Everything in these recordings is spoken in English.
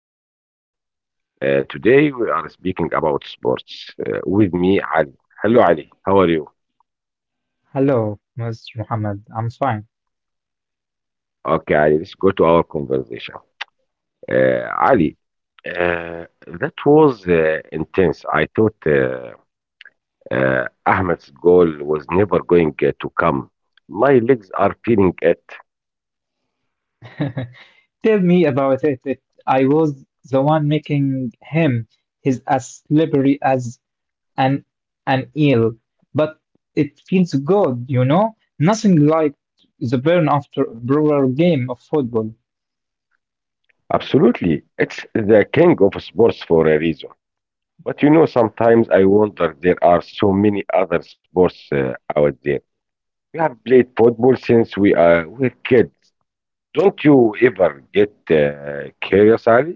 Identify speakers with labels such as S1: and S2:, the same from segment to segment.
S1: everyone. Today we are speaking about sports with me, Ali. Hello, Ali. How are you?
S2: Hello, Mr. Muhammad. I'm fine.
S1: Okay, Ali, let's go to our conversation. Ali, uh, that was intense. I thought Ahmed's goal was never going to come. My legs are feeling it.
S2: Tell me about it. I was the one making him. He's as slippery as an an eel, but it feels good, you know? Nothing like the burn after a brutal game of football.
S1: Absolutely. It's the king of sports for a reason. But sometimes I wonder there are so many other sports out there. We have played football since we are we we're kids. Don't you ever get curious, Ali?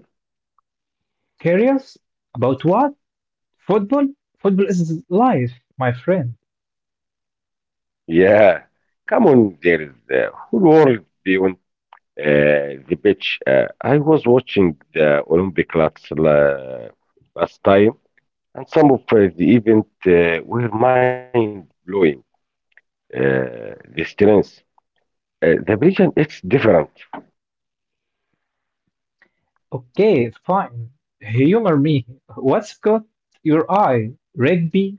S2: Curious? About what? Football? Football is life, my friend.
S1: Yeah, come on, there is the whole world beyond the beach. I was watching the Olympic last time, and some of the events were mind blowing. The strength, the region, it's different.
S2: Okay, fine. Humor me. What's caught your eye? Rugby?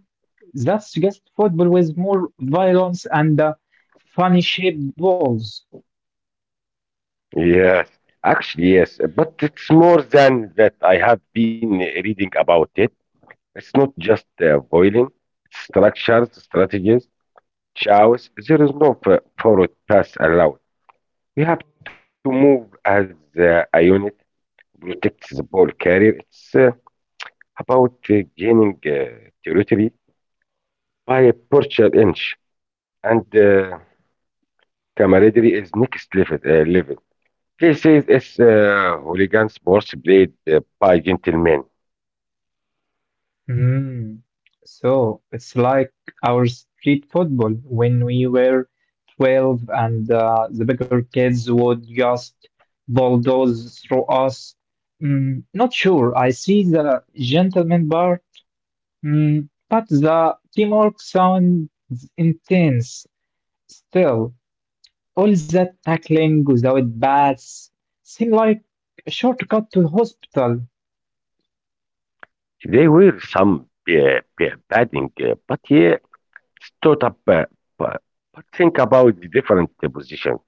S2: That's just football with more violence and funny shaped balls.
S1: Yes, actually, yes, but it's more than that. I have been reading about it. It's not just boiling, it's structures, strategies. Chaos, there is no forward pass allowed. We have to move as a unit, protect the ball carrier. It's about gaining territory by a partial inch, and camaraderie is next level. This is it's, hooligan sports played by gentlemen.
S2: Hmm. So it's like our street football when we were 12 and the bigger kids would just bulldoze through us. Not sure. I see the gentleman bar. But the teamwork sounds intense. Still, all that tackling without bats seem like a shortcut to the hospital.
S1: They were some batting, but yeah, stood up. But but think about the different positions.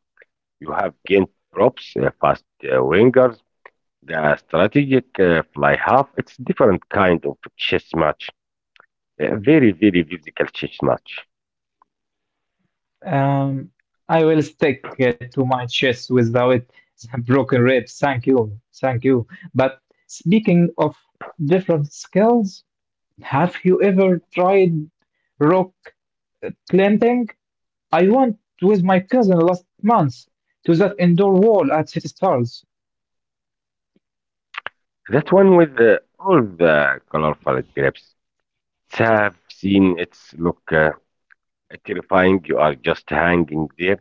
S1: You have gained props, fast wingers, the strategic fly half. It's different kind of chess match. A very, very physical chess match.
S2: Um, I will stick to my chest without some broken ribs. Thank you, thank you. But speaking of different skills, have you ever tried rock climbing? I went with my cousin last month to that indoor wall at City Stars.
S1: That one with all the colorful grapes. It's have seen it's look terrifying. You are just hanging there.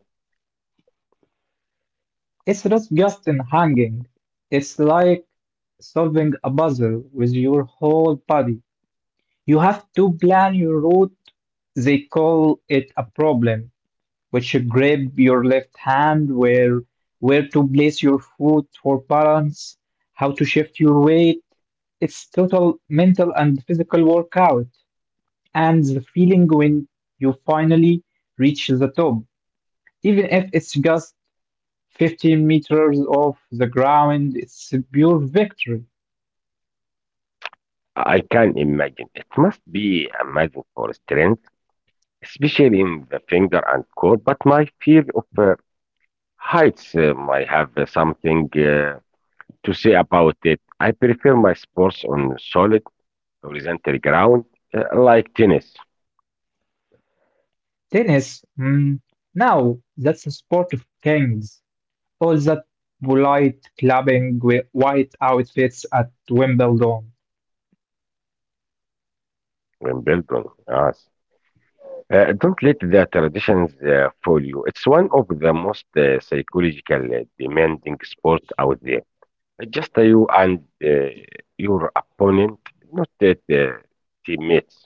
S2: It's not just in hanging, it's like solving a puzzle with your whole body. You have to plan your route. They call it a problem, which you grab your left hand, where to place your foot for balance, how to shift your weight. It's total mental and physical workout. And the feeling when you finally reach the top, even if it's just 15 meters off the ground. It's a pure victory.
S1: I can imagine. It must be amazing for strength, especially in the finger and core. But my fear of heights might have something to say about it. I prefer my sports on solid horizontal ground, like tennis,
S2: Tennis? Mm, no, that's a sport of kings. All that polite clubbing with white outfits at Wimbledon.
S1: Wimbledon. Yes. Don't let the traditions fool you. It's one of the most psychological demanding sport out there. Just you and your opponent, not that teammates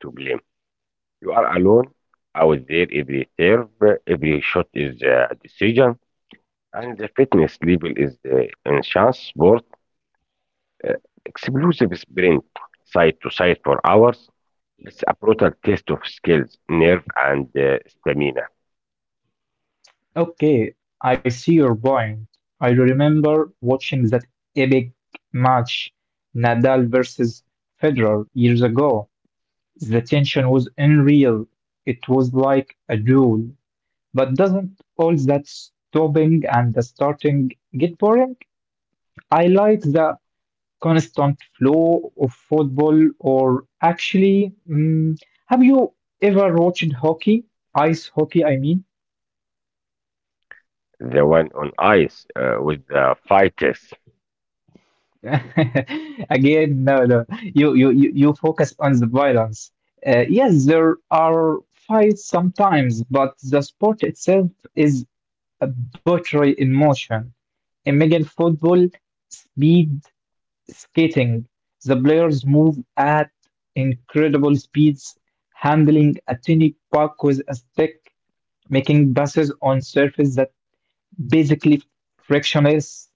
S1: to blame. You are alone out there. Every serve, every shot is a decision, and the fitness level is in chance. Uh, Explosive sprint side to side for hours. It's a brutal test of skills, nerve, and stamina.
S2: Okay, I see your point. I remember watching that epic match, Nadal versus Federer, years ago. The tension was unreal. It was like a duel. But doesn't all that stopping and the starting get boring? I like the constant flow of football. Or actually, have you ever watched hockey? Ice hockey, I mean.
S1: The one on ice with the fighters.
S2: Again, no, no. You focus on the violence. Yes, there are fights sometimes, but the sport itself is a buttery in motion. Imagine football, speed, skating. The players move at incredible speeds, handling a tiny puck with a stick, making passes on surface that basically frictionless.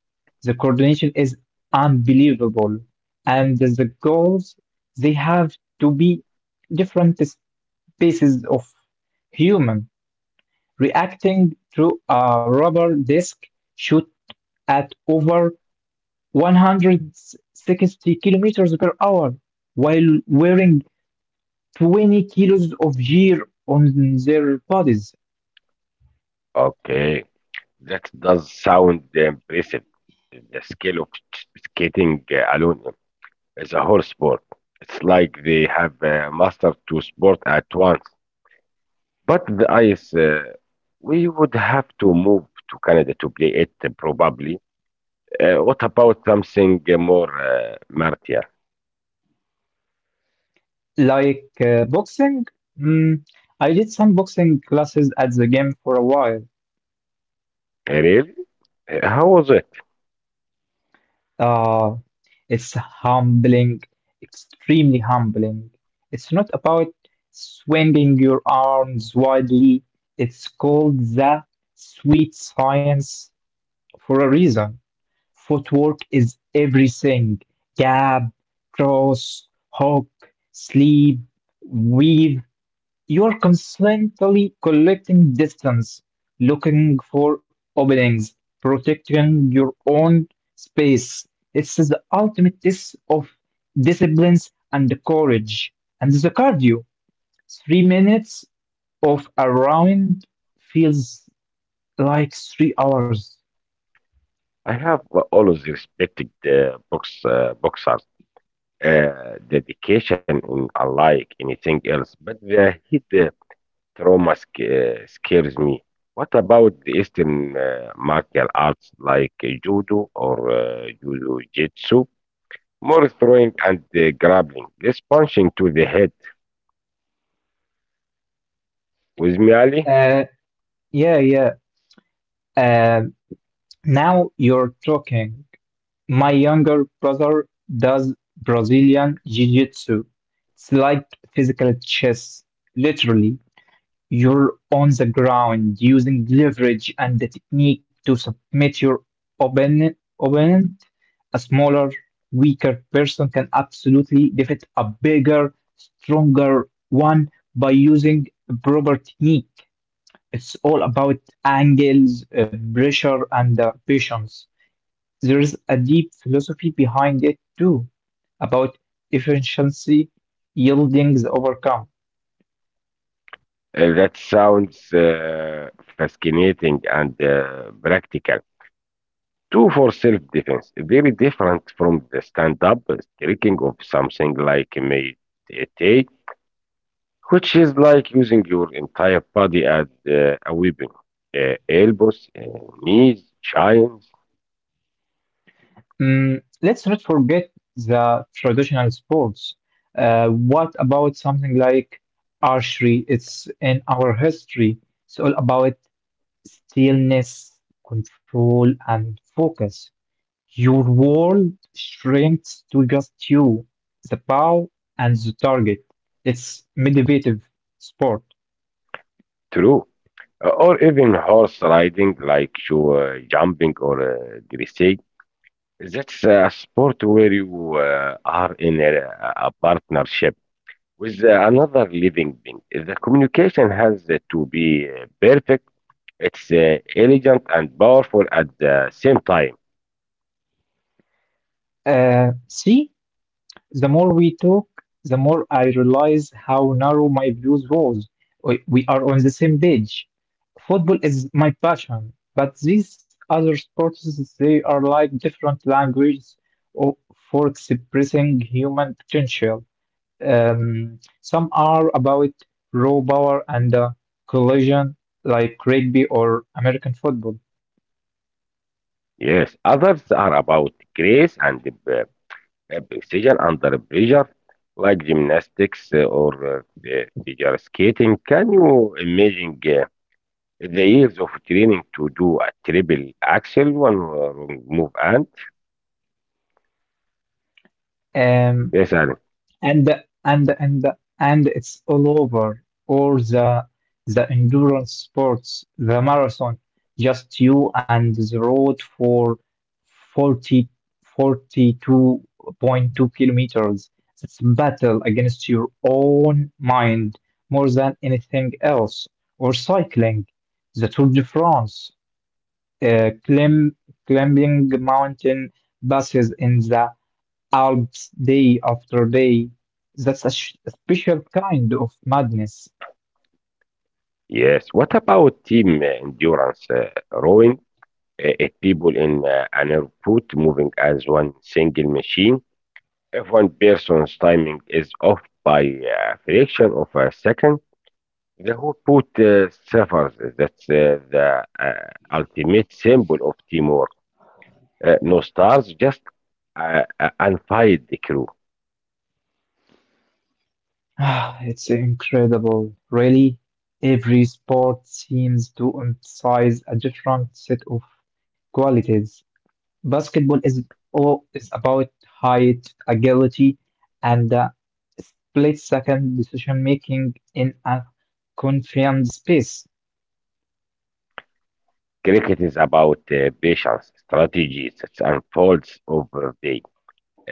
S2: The coordination is unbelievable, and the goals they have to be different species of human reacting to a rubber disc shoot at over 160 kilometers per hour while wearing 20 kilos of gear on their bodies.
S1: Okay, that does sound impressive. The skill of skating alone is a whole sport. It's like they have mastered two sports at once. But the ice, we would have to move to Canada to play it probably. What about something more martial?
S2: Like boxing. Mm, I did some boxing classes at the gym for a while.
S1: Really? How was it?
S2: Uh, it's humbling, extremely humbling. It's not about swinging your arms widely, it's called the sweet science for a reason. Footwork is everything. Gap, cross, hook, sleep, weave. You're constantly collecting distance, looking for openings, protecting your own space. It's the ultimate test of disciplines and courage. And the cardio, 3 minutes of a round feels like 3 hours.
S1: I have always respected boxers' dedication in unlike anything else, but the heat trauma scares me. What about the Eastern martial arts like judo or jiu-jitsu? More throwing and grappling, less punching to the head. With me, Ali?
S2: Uh, yeah, yeah. Um, Now you're talking. My younger brother does Brazilian Jiu-Jitsu. It's like physical chess. Literally, you're on the ground using leverage and the technique to submit your opponent. opponent. A smaller, weaker person can absolutely defeat a bigger, stronger one by using proper technique. It's all about angles, pressure, and patience. There is a deep philosophy behind it too, about efficiency yielding the overcome.
S1: That sounds fascinating and practical. Two for self-defense, very different from the stand-up tricking of something like Meitei, which is like using your entire body as a weapon. Elbows, knees, shins,
S2: Let's not forget the traditional sports. What about something like archery? It's in our history. It's all about stillness, control, and focus. Your world shrinks to just you, the bow, and the target. It's meditative sport.
S1: true. Or even horse riding, like you jumping or dressage. That's a sport where you are in a partnership with the another living being. The communication has to be perfect. It's elegant and powerful at the same time.
S2: See, the more we talk, the more I realize how narrow my views was. We are on the same page. Football is my passion, but these other sports, they are like different languages o- for expressing human potential. Some are about raw power and collision, like rugby or American football.
S1: Yes, others are about grace and uh, precision under pressure, like gymnastics or the figure skating. Can you imagine the years of training to do a triple axel, one wrong move, and
S2: Um,
S1: yes, and
S2: and and and and it's all over. Or the endurance sports, the marathon, just you and the road for 40, 42.2 kilometers. It's battle against your own mind more than anything else. Or cycling, the Tour de France, uh, climb, climbing mountain passes in the Alps day after day. That's a special kind of madness.
S1: yes. What about team endurance rowing? It people in an airport moving as one single machine. If one person's timing is off by a fraction of a second, the whole boat suffers. That's the ultimate symbol of teamwork. No stars, just unfired crew.
S2: Ah, it's incredible, really. Every sport seems to emphasize a different set of qualities. Basketball is all is about height, agility, and split-second decision making in a confined space.
S1: Cricket is about patience, strategies, it unfolds over day,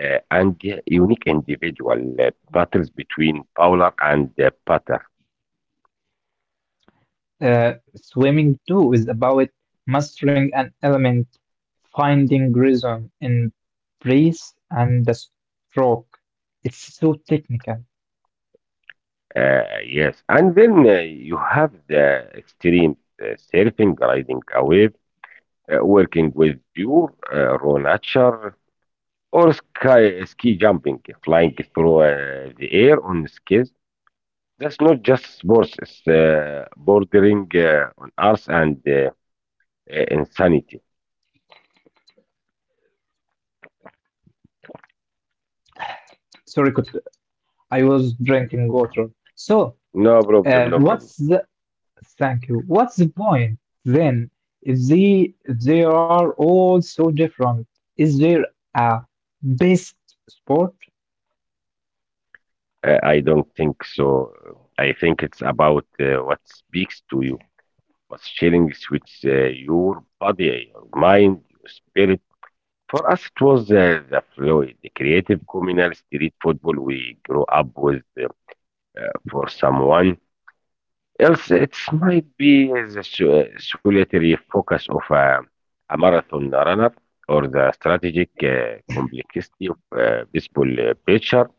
S1: and unique individual battles between bowler and batter.
S2: Swimming too is about mastering an element, finding rhythm in breath and the stroke. It's so technical.
S1: Yes, and then you have the extreme surfing, riding a wave, working with pure raw nature, or sky, ski jumping, flying through the air on skis. That's not just sports, it's bordering on arts and insanity.
S2: Sorry, could I was drinking water. So,
S1: No problem, no problem.
S2: what's the thank you. What's the point then if they are all so different? Is there a best sport?
S1: I don't think so. I think it's about what speaks to you. Was sharing sweets your body, your mind, your spirit. For us, it was the fluid, the creative communal street football we grew up with. For someone else, it might be the solitary focus of a marathon runner or the strategic complexity of a baseball pitcher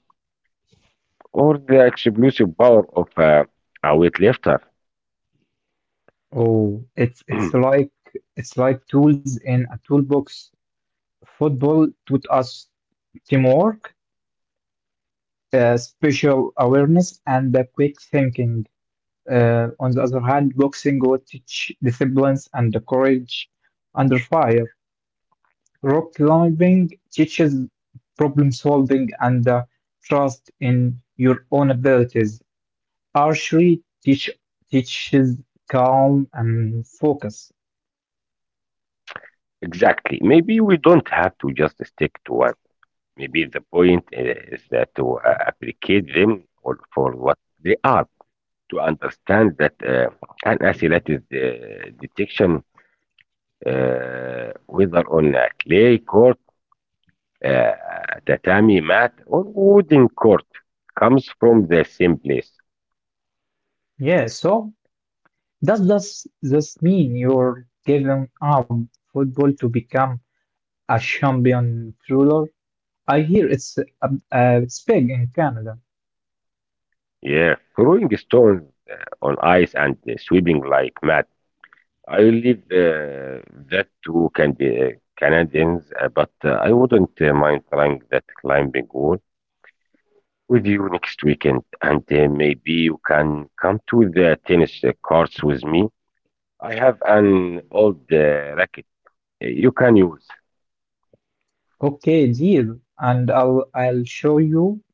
S1: or the explosive power of a weightlifter.
S2: Oh, it's it's like it's like tools in a toolbox. Football taught us teamwork, spatial awareness, and the quick thinking. On the other hand, boxing will teach disciplines and the courage under fire. Rock climbing teaches problem solving and trust in your own abilities. Archery teaches calm and focus.
S1: Exactly. Maybe we don't have to just stick to one. Maybe the point is that to appreciate them or for what they are, to understand that an asset is detection, whether on a clay court, uh, tatami mat, or wooden court, comes from the same place.
S2: Yeah, so does this mean you're giving up football to become a champion thriller? I hear it's a it's big in Canada.
S1: Yeah, throwing stones on ice and sweeping like mad. I leave that to can be Canadians, but I wouldn't mind trying that climbing wall with you next weekend, and maybe you can come to the tennis courts with me. I have an old racket you can use.
S2: Okay, deal, and I'll show you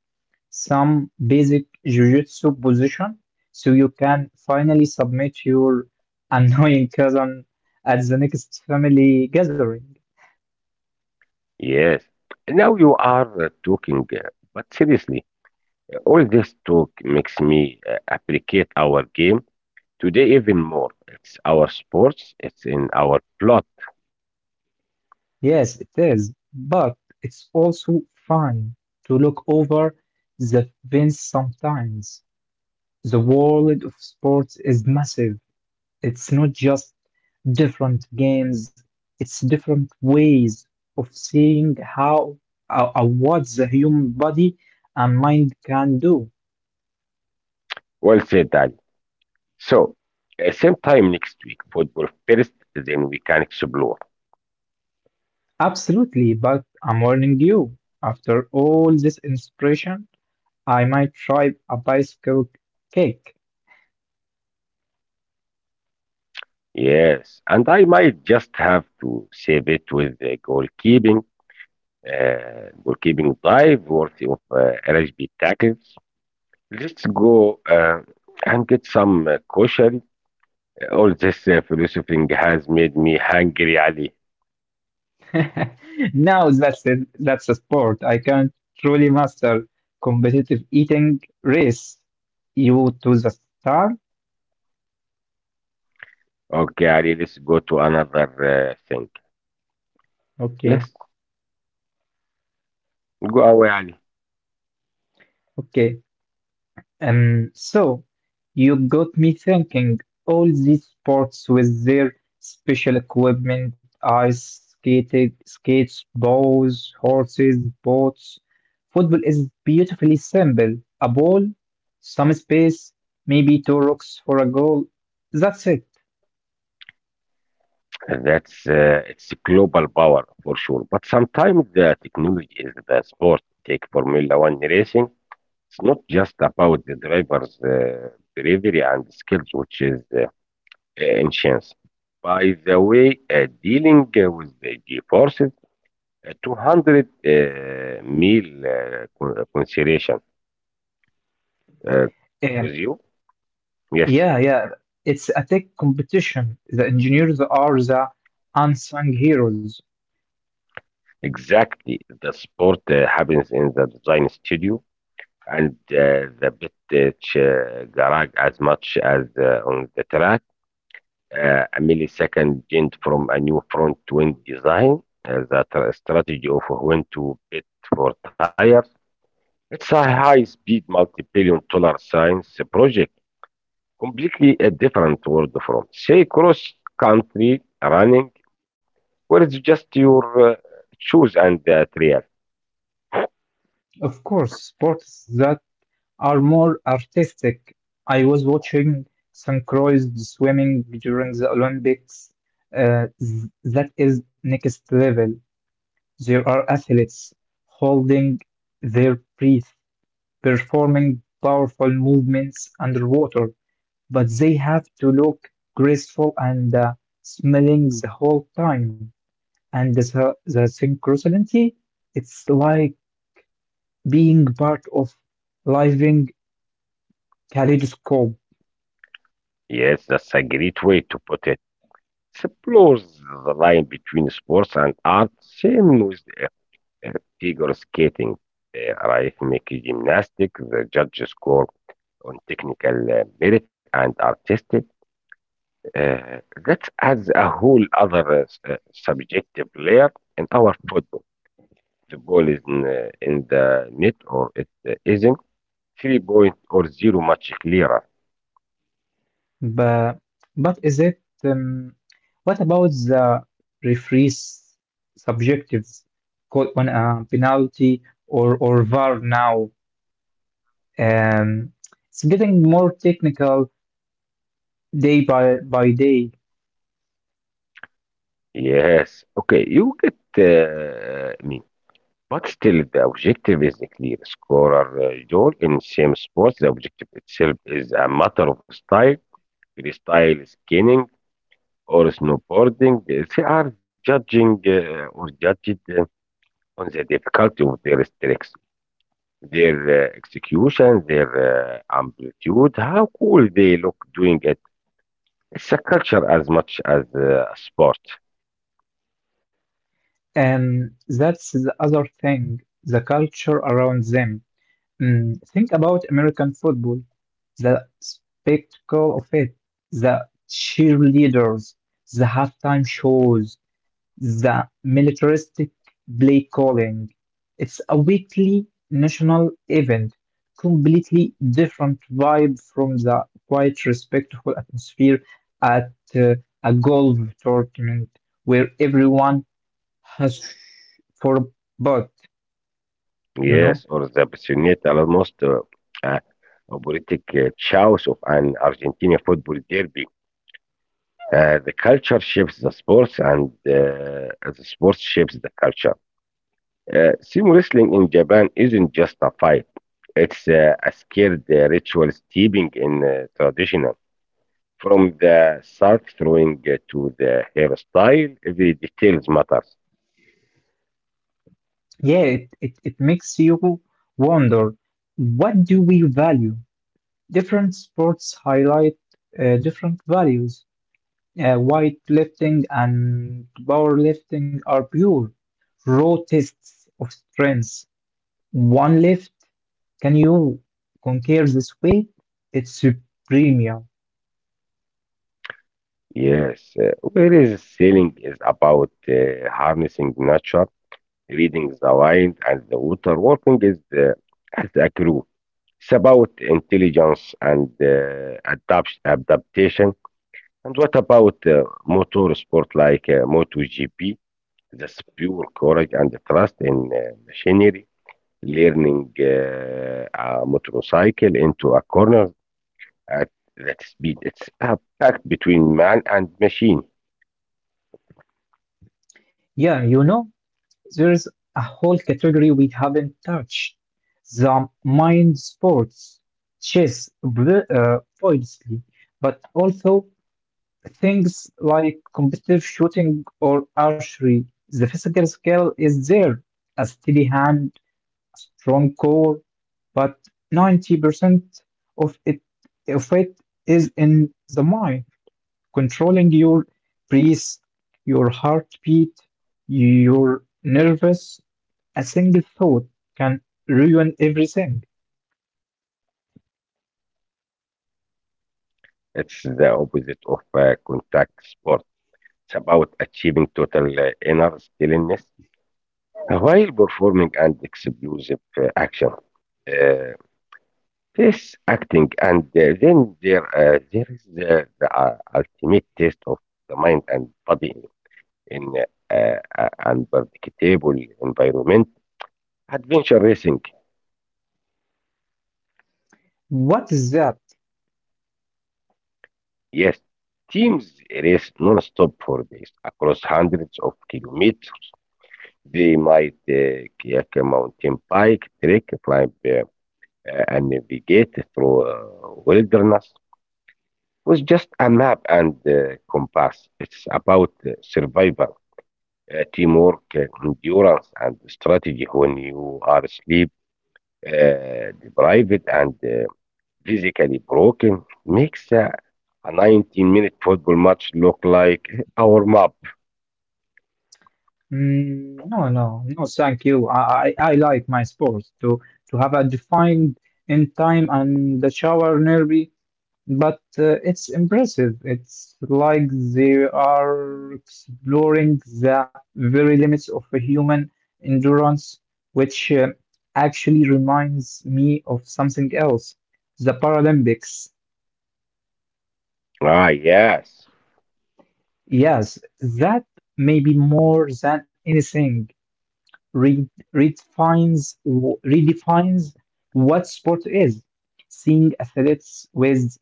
S2: some basic jujitsu position so you can finally submit your annoying cousin at the next family gathering.
S1: Yes. Now you are talking, but seriously, all this talk makes me appreciate our game today even more. It's our sports, it's in our plot.
S2: Yes, it is, but it's also fun to look over the fence sometimes. The world of sports is massive. It's not just different games, it's different ways of seeing how what the human body and mind can do.
S1: Well said, Ali. So, same time next week, football first, then we can explore.
S2: Absolutely, but I'm warning you. After all this inspiration, I might try a bicycle kick.
S1: Yes, and I might just have to save it with the goalkeeping dive worthy of LHB tackles. Let's go and get some kosher. All this philosophizing has made me hungry, Ali.
S2: Now that's a sport I can't truly master. Competitive eating, race you to the star?
S1: Okay, Ali, let's go to another thing.
S2: Okay,
S1: Yes, go away, Ali.
S2: okay. So you got me thinking, all these sports with their special equipment, ice skating, skates, bows, horses, boats. Football is beautifully simple. A ball, some space, maybe two rocks for a goal. That's it.
S1: That's it's global power for sure, but sometimes the technology is the sport. Take Formula One racing. It's not just about the driver's bravery and skills, which is ancient. By the way, dealing with the forces, 200 meal consideration uh,
S2: And
S1: with you. Yes,
S2: yeah, yeah, it's a tech competition. The engineers are the unsung heroes.
S1: exactly. The sport happens in the design studio and the pit garage as much as on the track. A millisecond gained from a new front wing design, the strategy of when to pit for tires. It's a high speed multi billion dollar science project, completely a different world from, say, cross country running, where it's just your shoes and the trail.
S2: Of course, sports that are more artistic. I was watching synchronized swimming during the Olympics. That is next level. There are athletes holding their breath, performing powerful movements underwater, but they have to look graceful and smiling the whole time. And the synchronicity, it's like being part of living kaleidoscope.
S1: Yes, that's a great way to put it. Explores the line between sports and art, same with uh, figure skating, rhythmic gymnastics. The judges score on technical merit and artistic. Uh, that adds a whole other subjective layer in our football. The ball is in the net or it isn't. Three point or zero much clearer.
S2: But but is it What about the referees subjectives caught on a penalty or VAR now? Um, it's getting more technical day by day.
S1: Yes. Okay, you get me. But still, the objective is clear. Scorer goal in same sports, the objective itself is a matter of style, freestyle skiing or snowboarding. They are judging or judged on the difficulty of their tricks, their execution, their amplitude, how cool they look doing it. It's a culture as much as a sport.
S2: And that's the other thing, the culture around them. Think about American football, the spectacle of it, the cheerleaders, the halftime shows, the militaristic play calling. It's a weekly national event, completely different vibe from the quite respectful atmosphere at a golf tournament where everyone has for, but you know
S1: Yes, or the passionate, almost uh, operatic chaos of an Argentina football derby. The culture shapes the sports, and the sports shapes the culture. Sumo wrestling in Japan isn't just a fight; it's a scared ritual steeping in traditional. From the salt throwing to the hairstyle, every details matters.
S2: yeah it, it makes you wonder, what do we value? Different sports highlight different values. Weight lifting and powerlifting are pure raw tests of strength. One lift, can you conquer this weight? It's premium.
S1: Yes, whereas sailing is about harnessing nature reading the wind and the water, working is as a crew. It's about intelligence and adaptation. And what about motor sport like MotoGP? That's pure courage and trust in machinery. Learning a motorcycle into a corner at that speed. It's a pact between man and machine.
S2: Yeah, there's a whole category we haven't touched. The mind sports, chess, obviously, but also things like competitive shooting or archery. The physical skill is there, a steady hand, strong core, but 90% of it of it is in the mind, controlling your breath, your heartbeat, your nervous. A single thought can ruin everything.
S1: It's the opposite of contact sport. It's about achieving total inner stillness while performing an explosive action. Uh, this acting, and then there is the ultimate test of the mind and body in unpredictable environment. Adventure racing,
S2: What is that?
S1: yes. Teams race non-stop for days across hundreds of kilometers. They might kayak, mountain bike, trek, climb and navigate through wilderness with just a map and compass. It's about survival, teamwork, endurance, and strategy when you are sleep deprived and physically broken. Makes a 19-minute football match look like a warm up.
S2: Mm, no, no, no, thank you. I like my sports to have a defined in time and the shower nearby. But it's impressive. It's like they are exploring the very limits of a human endurance, which actually reminds me of something else. The Paralympics.
S1: Ah, yes,
S2: Yes, that maybe more than anything re redefines redefines what sport is. Seeing athletes with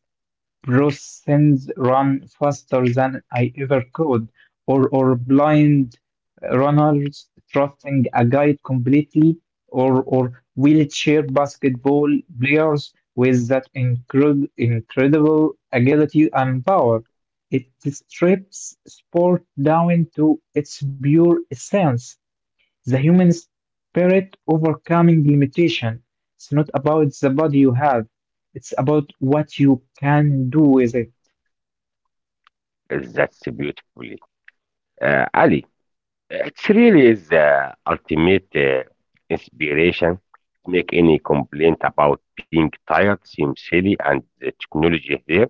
S2: Bruce sends run faster than I ever could, or blind runners trusting a guide completely, or wheelchair basketball players with that incredible agility and power. It strips sport down to its pure essence. The human spirit overcoming limitation. It's not about the body you have. It's about what you can do with it.
S1: that's beautifully. Ali, it really is the ultimate inspiration. Make any complaint about being tired seems silly, and the technology there,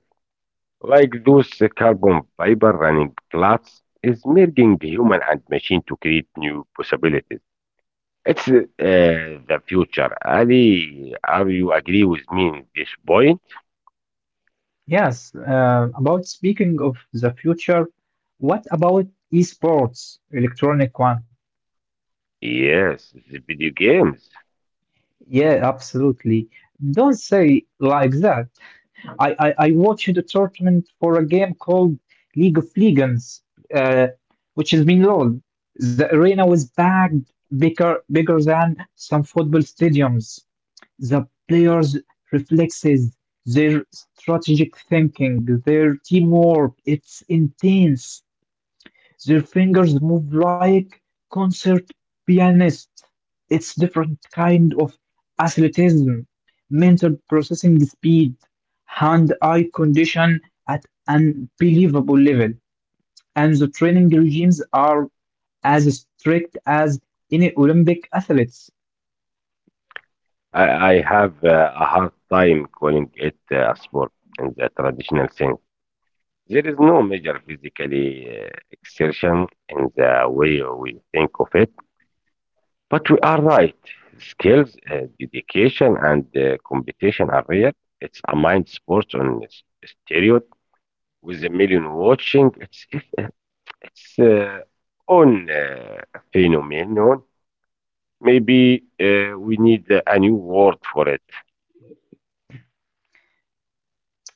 S1: like those carbon fiber running clots, is merging human and machine to create new possibilities. It's the future. Ali, are you agree with me in this point?
S2: Yes, about speaking of the future, what about esports, electronic one?
S1: Yes, the video games.
S2: Yeah, absolutely. Don't say like that. I watched a tournament for a game called League of Legends, uh, which has been LOL. The arena was packed bigger than some football stadiums. The players' reflexes, their strategic thinking, their teamwork, it's intense. Their fingers move like concert pianists. It's different kind of athleticism, mental processing speed, hand-eye condition at unbelievable level, and the training regimes are as strict as any Olympic athletes.
S1: I, I have a hard time calling it a sport in the traditional sense. There is no major physical exertion in the way we think of it, but we are right. Skills, dedication, and competition are real. It's a mind sport on stereo with a million watching. It's own phenomenon. Maybe we need a new word for it.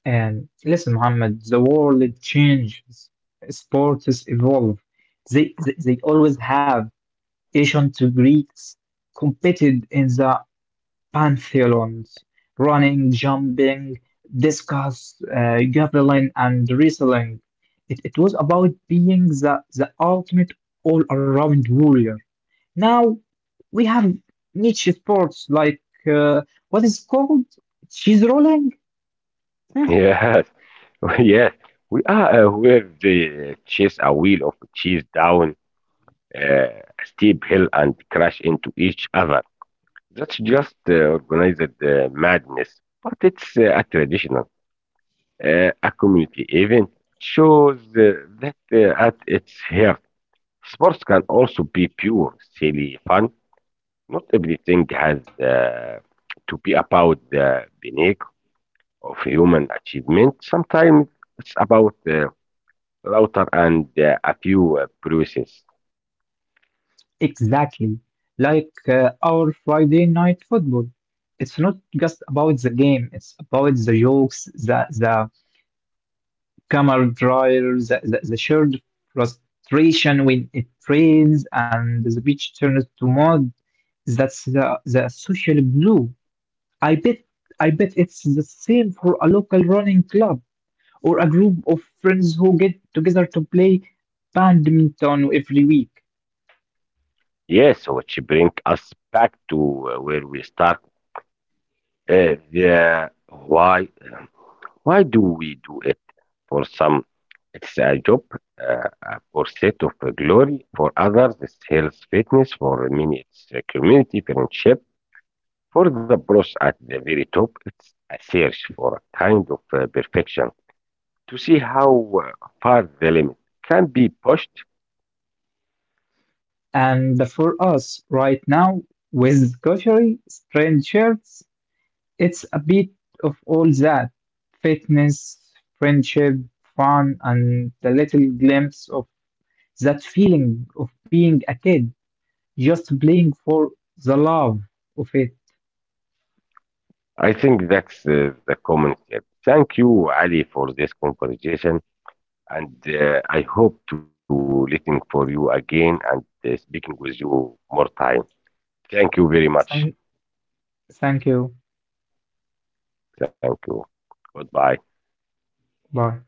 S2: And listen, Muhammad, the world changes, sports evolve. They always have. Ancient Greeks competed in the Pantheons: running, jumping, discus, javelin, and wrestling. It was about being the ultimate all-around warrior. Now we have niche sports like uh, what is called cheese rolling? Hmm.
S1: Yes, yes. We are aware they chase a wheel of cheese down steep hill and crash into each other. That's just organized madness, but it's a traditional, a community event. It shows that at its heart, sports can also be pure, silly fun. Not everything has to be about the pinnacle of human achievement. Sometimes it's about router and a few bruises.
S2: Exactly, like our Friday night football. It's not just about the game, it's about the jokes, the camaraderie, the shared frustration when it rains and the beach turns to mud. That's the social glue. I bet I bet it's the same for a local running club or a group of friends who get together to play badminton every week.
S1: Yes, which bring us back to where we start. The um, why do we do it? For some, it's a job, a pursuit of glory. For others, it's health, fitness. For many, it's a community, friendship. For the boss at the very top, it's a search for a kind of perfection to see how far the limit can be pushed.
S2: And for us right now, with cushy, strange shirts, it's a bit of all that, fitness, friendship, fun, and the little glimpse of that feeling of being a kid, just playing for the love of it.
S1: I think that's the common thread. Thank you, Ali, for this conversation. And I hope to listen for you again and speaking with you more time. Thank you very much.
S2: Thank, thank you.
S1: Thank you. Goodbye.
S2: Bye.